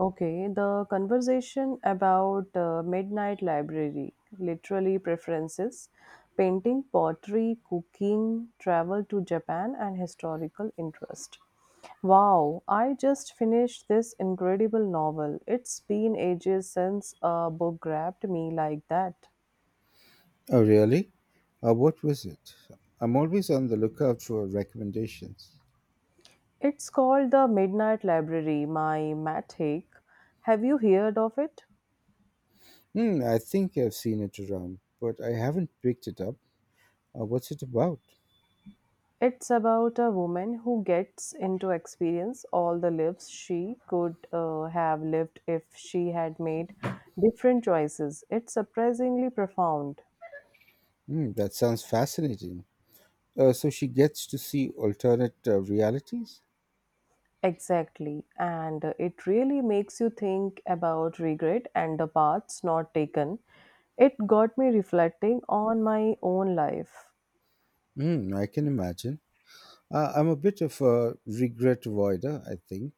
Okay, the conversation about midnight library, literally preferences, painting, pottery, cooking, travel to Japan, and historical interest. Wow, I just finished this incredible novel. It's been ages since a book grabbed me like that. Oh, really? What was it? I'm always on the lookout for recommendations. It's called The Midnight Library, my Matt Haig. Have you heard of it? Hmm, I think I've seen it around, but I haven't picked it up. What's it about? It's about a woman who gets into experience all the lives she could have lived if she had made different choices. It's surprisingly profound. Hmm, that sounds fascinating. So she gets to see alternate realities? Exactly. And it really makes you think about regret and the paths not taken. It got me reflecting on my own life. Hmm, I can imagine. I'm a bit of a regret avoider, I think.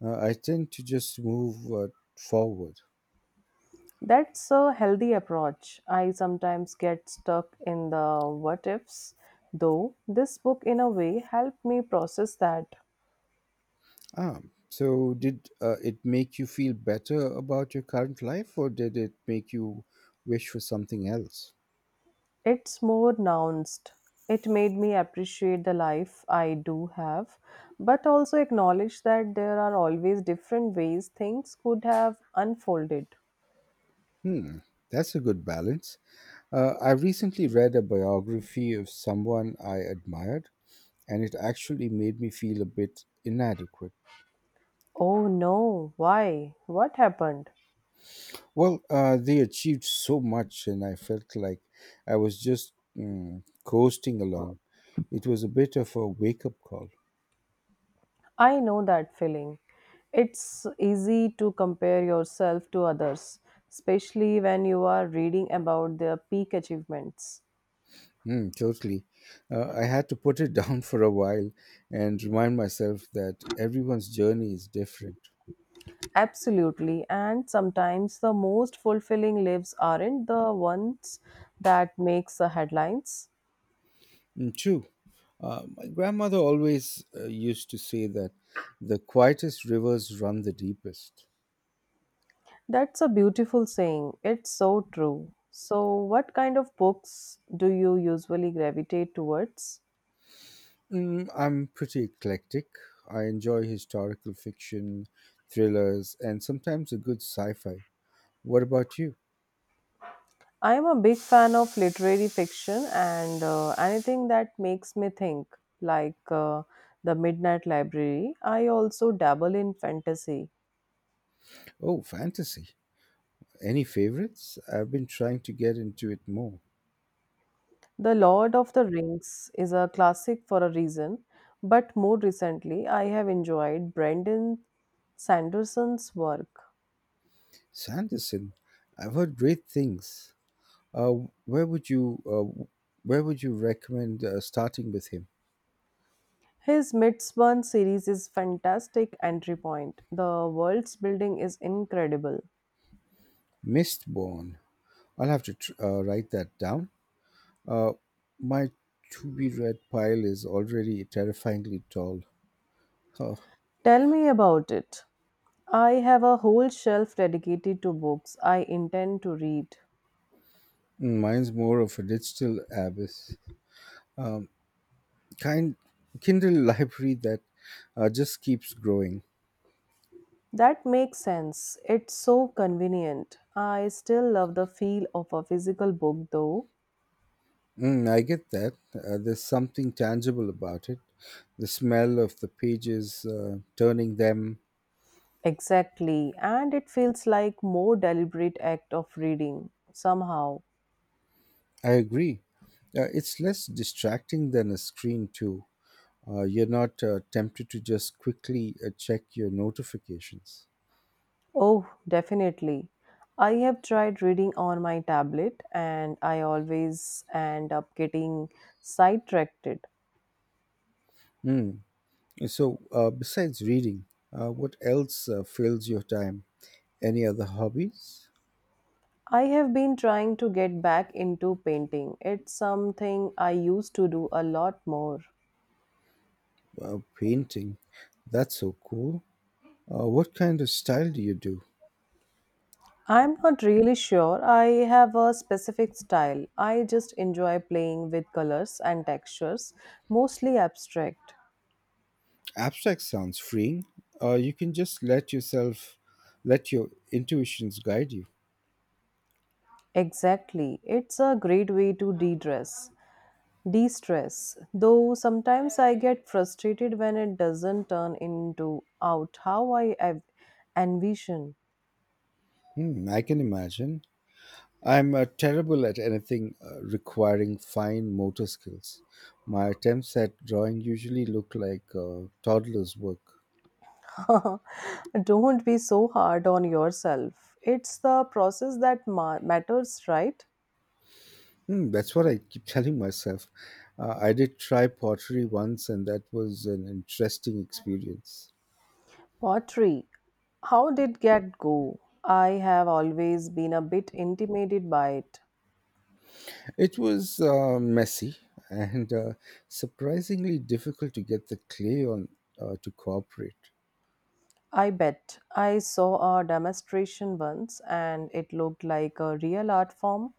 I tend to just move forward. That's a healthy approach. I sometimes get stuck in the what ifs, though this book, in a way, helped me process that. Ah, so did it make you feel better about your current life or did it make you wish for something else? It's more nuanced. It made me appreciate the life I do have, but also acknowledge that there are always different ways things could have unfolded. Hmm, that's a good balance. I recently read a biography of someone I admired and it actually made me feel a bit inadequate. Oh no, why? What happened? Well, they achieved so much and I felt like I was just coasting along. It was a bit of a wake up call. I know that feeling. It's easy to compare yourself to others, especially when you are reading about their peak achievements. Mm, totally. I had to put it down for a while and remind myself that everyone's journey is different. Absolutely, and sometimes the most fulfilling lives aren't the ones that makes the headlines. Mm, true. My grandmother always used to say that the quietest rivers run the deepest. That's a beautiful saying. It's so true. So, what kind of books do you usually gravitate towards? Mm, I'm pretty eclectic. I enjoy historical fiction, thrillers, and sometimes a good sci fi. What about you? I am a big fan of literary fiction and anything that makes me think, like The Midnight Library. I also dabble in fantasy. Oh, fantasy. Any favorites? I've been trying to get into it more. The Lord of the Rings is a classic for a reason, but more recently, I have enjoyed Brendan Sanderson's work. Sanderson, I've heard great things. Uh, where would you uh, where would you recommend starting with him? His Midsummer series is fantastic entry point. The world's building is incredible. Mistborn. I'll have to write that down. Uh, my to be read pile is already terrifyingly tall. Huh. Tell me about it. I have a whole shelf dedicated to books I intend to read. Mine's more of a digital abyss. Kind Kindle library that just keeps growing. That makes sense. It's so convenient. I still love the feel of a physical book though. Mm, I get that. There's something tangible about it. The smell of the pages, turning them. Exactly. And it feels like more deliberate act of reading somehow. I agree. It's less distracting than a screen, too. You're not tempted to just quickly check your notifications. Oh, definitely. I have tried reading on my tablet and I always end up getting sidetracked. Mm. So, besides reading, what else fills your time? Any other hobbies? I have been trying to get back into painting. It's something I used to do a lot more. Painting. That's so cool. What kind of style do you do? I'm not really sure I have a specific style. I just enjoy playing with colors and textures, mostly abstract. Abstract sounds freeing. You can just let your intuitions guide you. Exactly. It's a great way to de-dress, de-stress. Though sometimes I get frustrated when it doesn't turn into out how envision. Hmm, I can imagine. I'm terrible at anything requiring fine motor skills. My attempts at drawing usually look like toddler's work. Don't be so hard on yourself. It's the process that matters, right? Hmm, that's what I keep telling myself. I did try pottery once, and that was an interesting experience. Pottery. How did that go? I have always been a bit intimidated by it. It was messy and surprisingly difficult to get the clay on to cooperate. I bet. I saw a demonstration once and it looked like a real art form.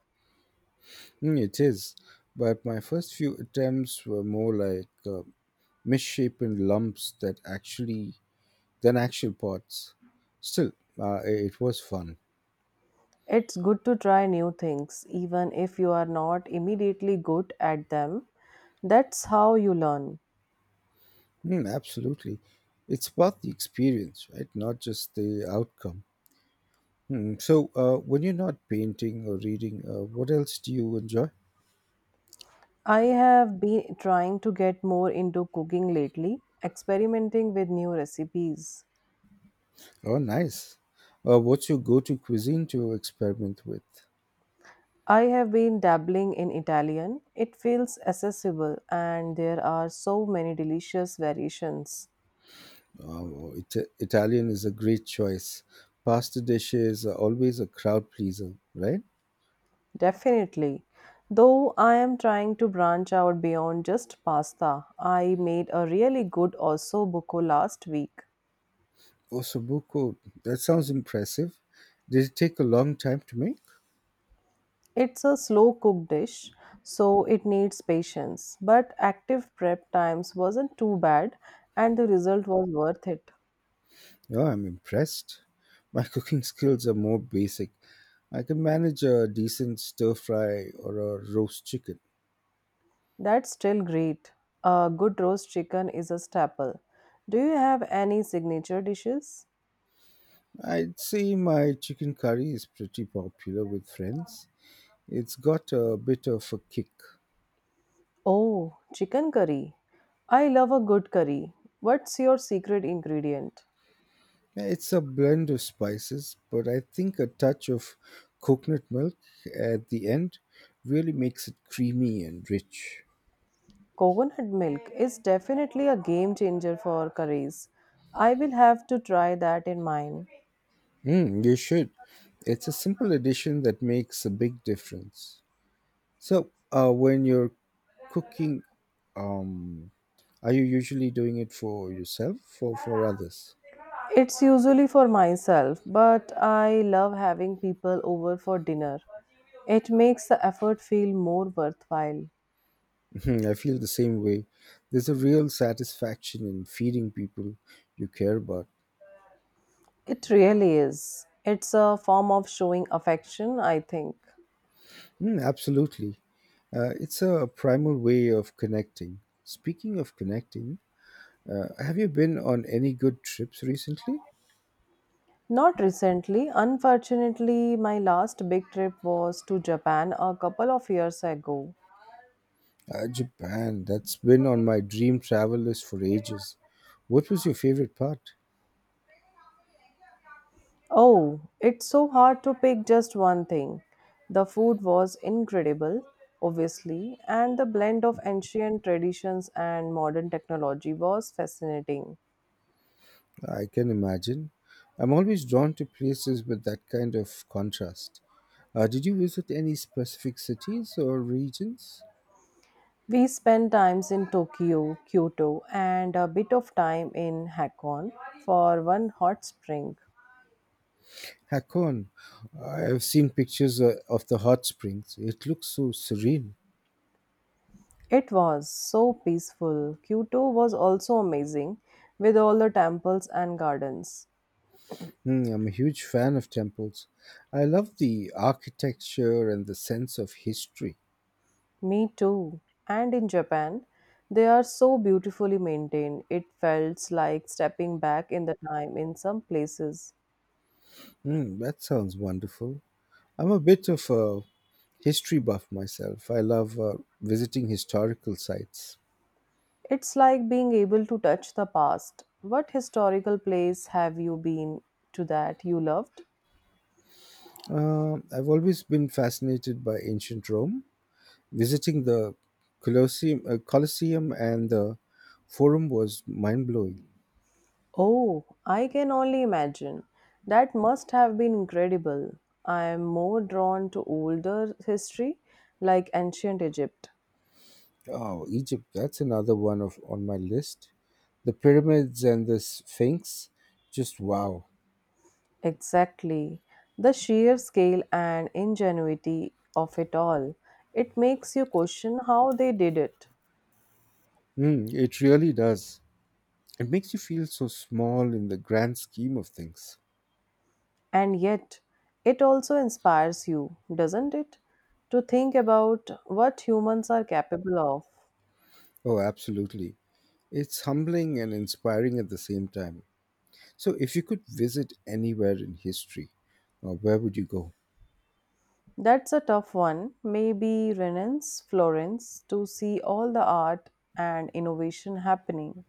Mm, it is, but my first few attempts were more like misshapen lumps that actually than actual parts. Still, uh, it was fun. It's good to try new things, even if you are not immediately good at them. That's how you learn. Mm, absolutely, it's about the experience, right? Not just the outcome. Hmm. So, when you're not painting or reading, what else do you enjoy? I have been trying to get more into cooking lately, experimenting with new recipes. Oh, nice. What's your go-to cuisine to experiment with? I have been dabbling in Italian. It feels accessible and there are so many delicious variations. Oh, Italian is a great choice. Pasta dishes are always a crowd pleaser, right? Definitely. Though I am trying to branch out beyond just pasta, I made a really good osso buco last week. Ossobuco, that sounds impressive. Did it take a long time to make? It's a slow cook dish, so it needs patience, but active prep times wasn't too bad and the result was worth it. Yeah, I'm impressed. My cooking skills are more basic. I can manage a decent stir fry or a roast chicken. That's still great. A good roast chicken is a staple. Do you have any signature dishes? I'd say my chicken curry is pretty popular with friends. It's got a bit of a kick. Oh, chicken curry. I love a good curry. What's your secret ingredient? It's a blend of spices, but I think a touch of coconut milk at the end really makes it creamy and rich. Coconut milk is definitely a game changer for curries. I will have to try that in mine. Mm, you should. It's a simple addition that makes a big difference. So, when you're cooking, um, are you usually doing it for yourself or for others? It's usually for myself, but I love having people over for dinner. It makes the effort feel more worthwhile. Mhm, I feel the same way. There's a real satisfaction in feeding people you care about. It really is. It's a form of showing affection, I think. Mm, absolutely. It's a primal way of connecting. Speaking of connecting, have you been on any good trips recently? Not recently. Unfortunately, my last big trip was to Japan a couple of years ago. Japan, that's been on my dream travel list for ages. What was your favorite part? Oh, it's so hard to pick just one thing. The food was incredible, obviously, and the blend of ancient traditions and modern technology was fascinating. I can imagine. I'm always drawn to places with that kind of contrast. Did you visit any specific cities or regions? We spent times in Tokyo, Kyoto, and a bit of time in Hakone for one hot spring. Hakon, I've seen pictures of the hot springs. It looks so serene. It was so peaceful. Kyoto was also amazing with all the temples and gardens. Hmm, I'm a huge fan of temples. I love the architecture and the sense of history. Me too. And in Japan, they are so beautifully maintained. It felt like stepping back in the time in some places. Hmm, that sounds wonderful. I'm a bit of a history buff myself. I love visiting historical sites. It's like being able to touch the past. What historical place have you been to that you loved? I've always been fascinated by ancient Rome. Visiting the Colosseum and the Forum was mind blowing. Oh, I can only imagine. That must have been incredible. I am more drawn to older history like ancient Egypt. Oh, Egypt, that's another one of on my list. The pyramids and the Sphinx, just wow. Exactly. The sheer scale and ingenuity of it all. It makes you question how they did it. Mm, it really does. It makes you feel so small in the grand scheme of things. And yet, it also inspires you, doesn't it? To think about what humans are capable of. Oh, absolutely. It's humbling and inspiring at the same time. So, if you could visit anywhere in history, where would you go? That's a tough one. Maybe Renan's Florence to see all the art and innovation happening.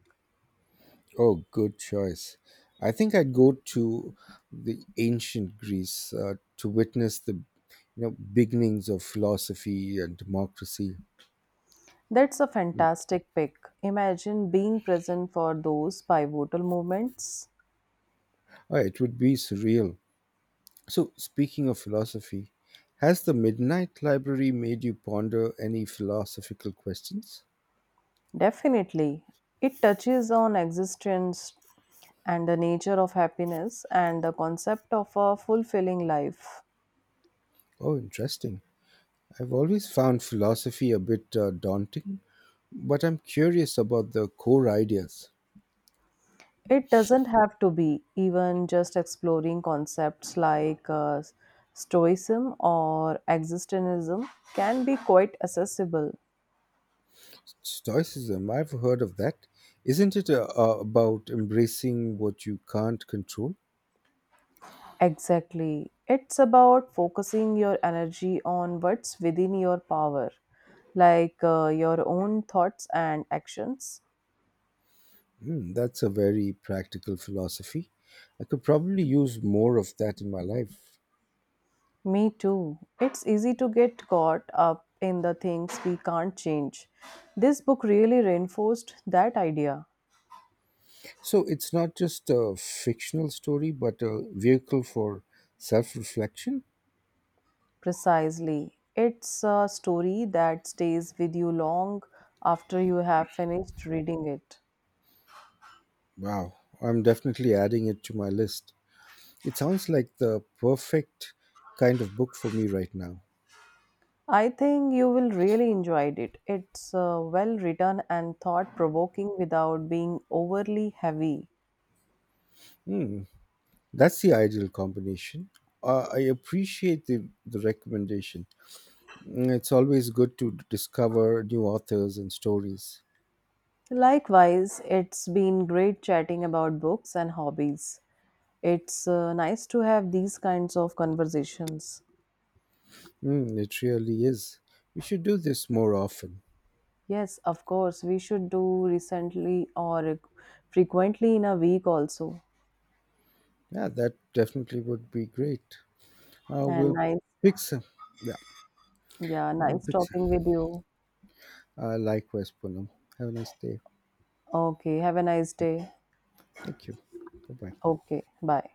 Oh, good choice. I think I'd go to the ancient Greece to witness the beginnings of philosophy and democracy. That's a fantastic pick. Imagine being present for those pivotal moments. It would be surreal. So, speaking of philosophy, has the Midnight Library made you ponder any philosophical questions? Definitely. It touches on existence and the nature of happiness and the concept of a fulfilling life. Oh, interesting. I've always found philosophy a bit daunting, but I'm curious about the core ideas. It doesn't have to be even just exploring concepts like stoicism or existentialism can be quite accessible. Stoicism, I've heard of that. Isn't it about embracing what you can't control? Exactly. It's about focusing your energy on what's within your power, like your own thoughts and actions. Hmm, that's a very practical philosophy. I could probably use more of that in my life. Me too. It's easy to get caught up in the things we can't change. This book really reinforced that idea. So it's not just a fictional story, but a vehicle for self reflection? Precisely. It's a story that stays with you long after you have finished reading it. Wow, I'm definitely adding it to my list. It sounds like the perfect kind of book for me right now. I think you will really enjoy it. It's well written and thought provoking without being overly heavy. Hmm, that's the ideal combination. I appreciate the recommendation. Mm, it's always good to discover new authors and stories. Likewise, it's been great chatting about books and hobbies. It's nice to have these kinds of conversations. Mm, it really is. We should do this more often. Yes, of course, we should do recently or frequently in a week also. Yeah, that definitely would be great. And We'll nice, pick some. Yeah, yeah, I will nice pick talking some. with you. Likewise, Poonam. Have a nice day. Okay, have a nice day. Thank you. Bye bye. Okay, bye.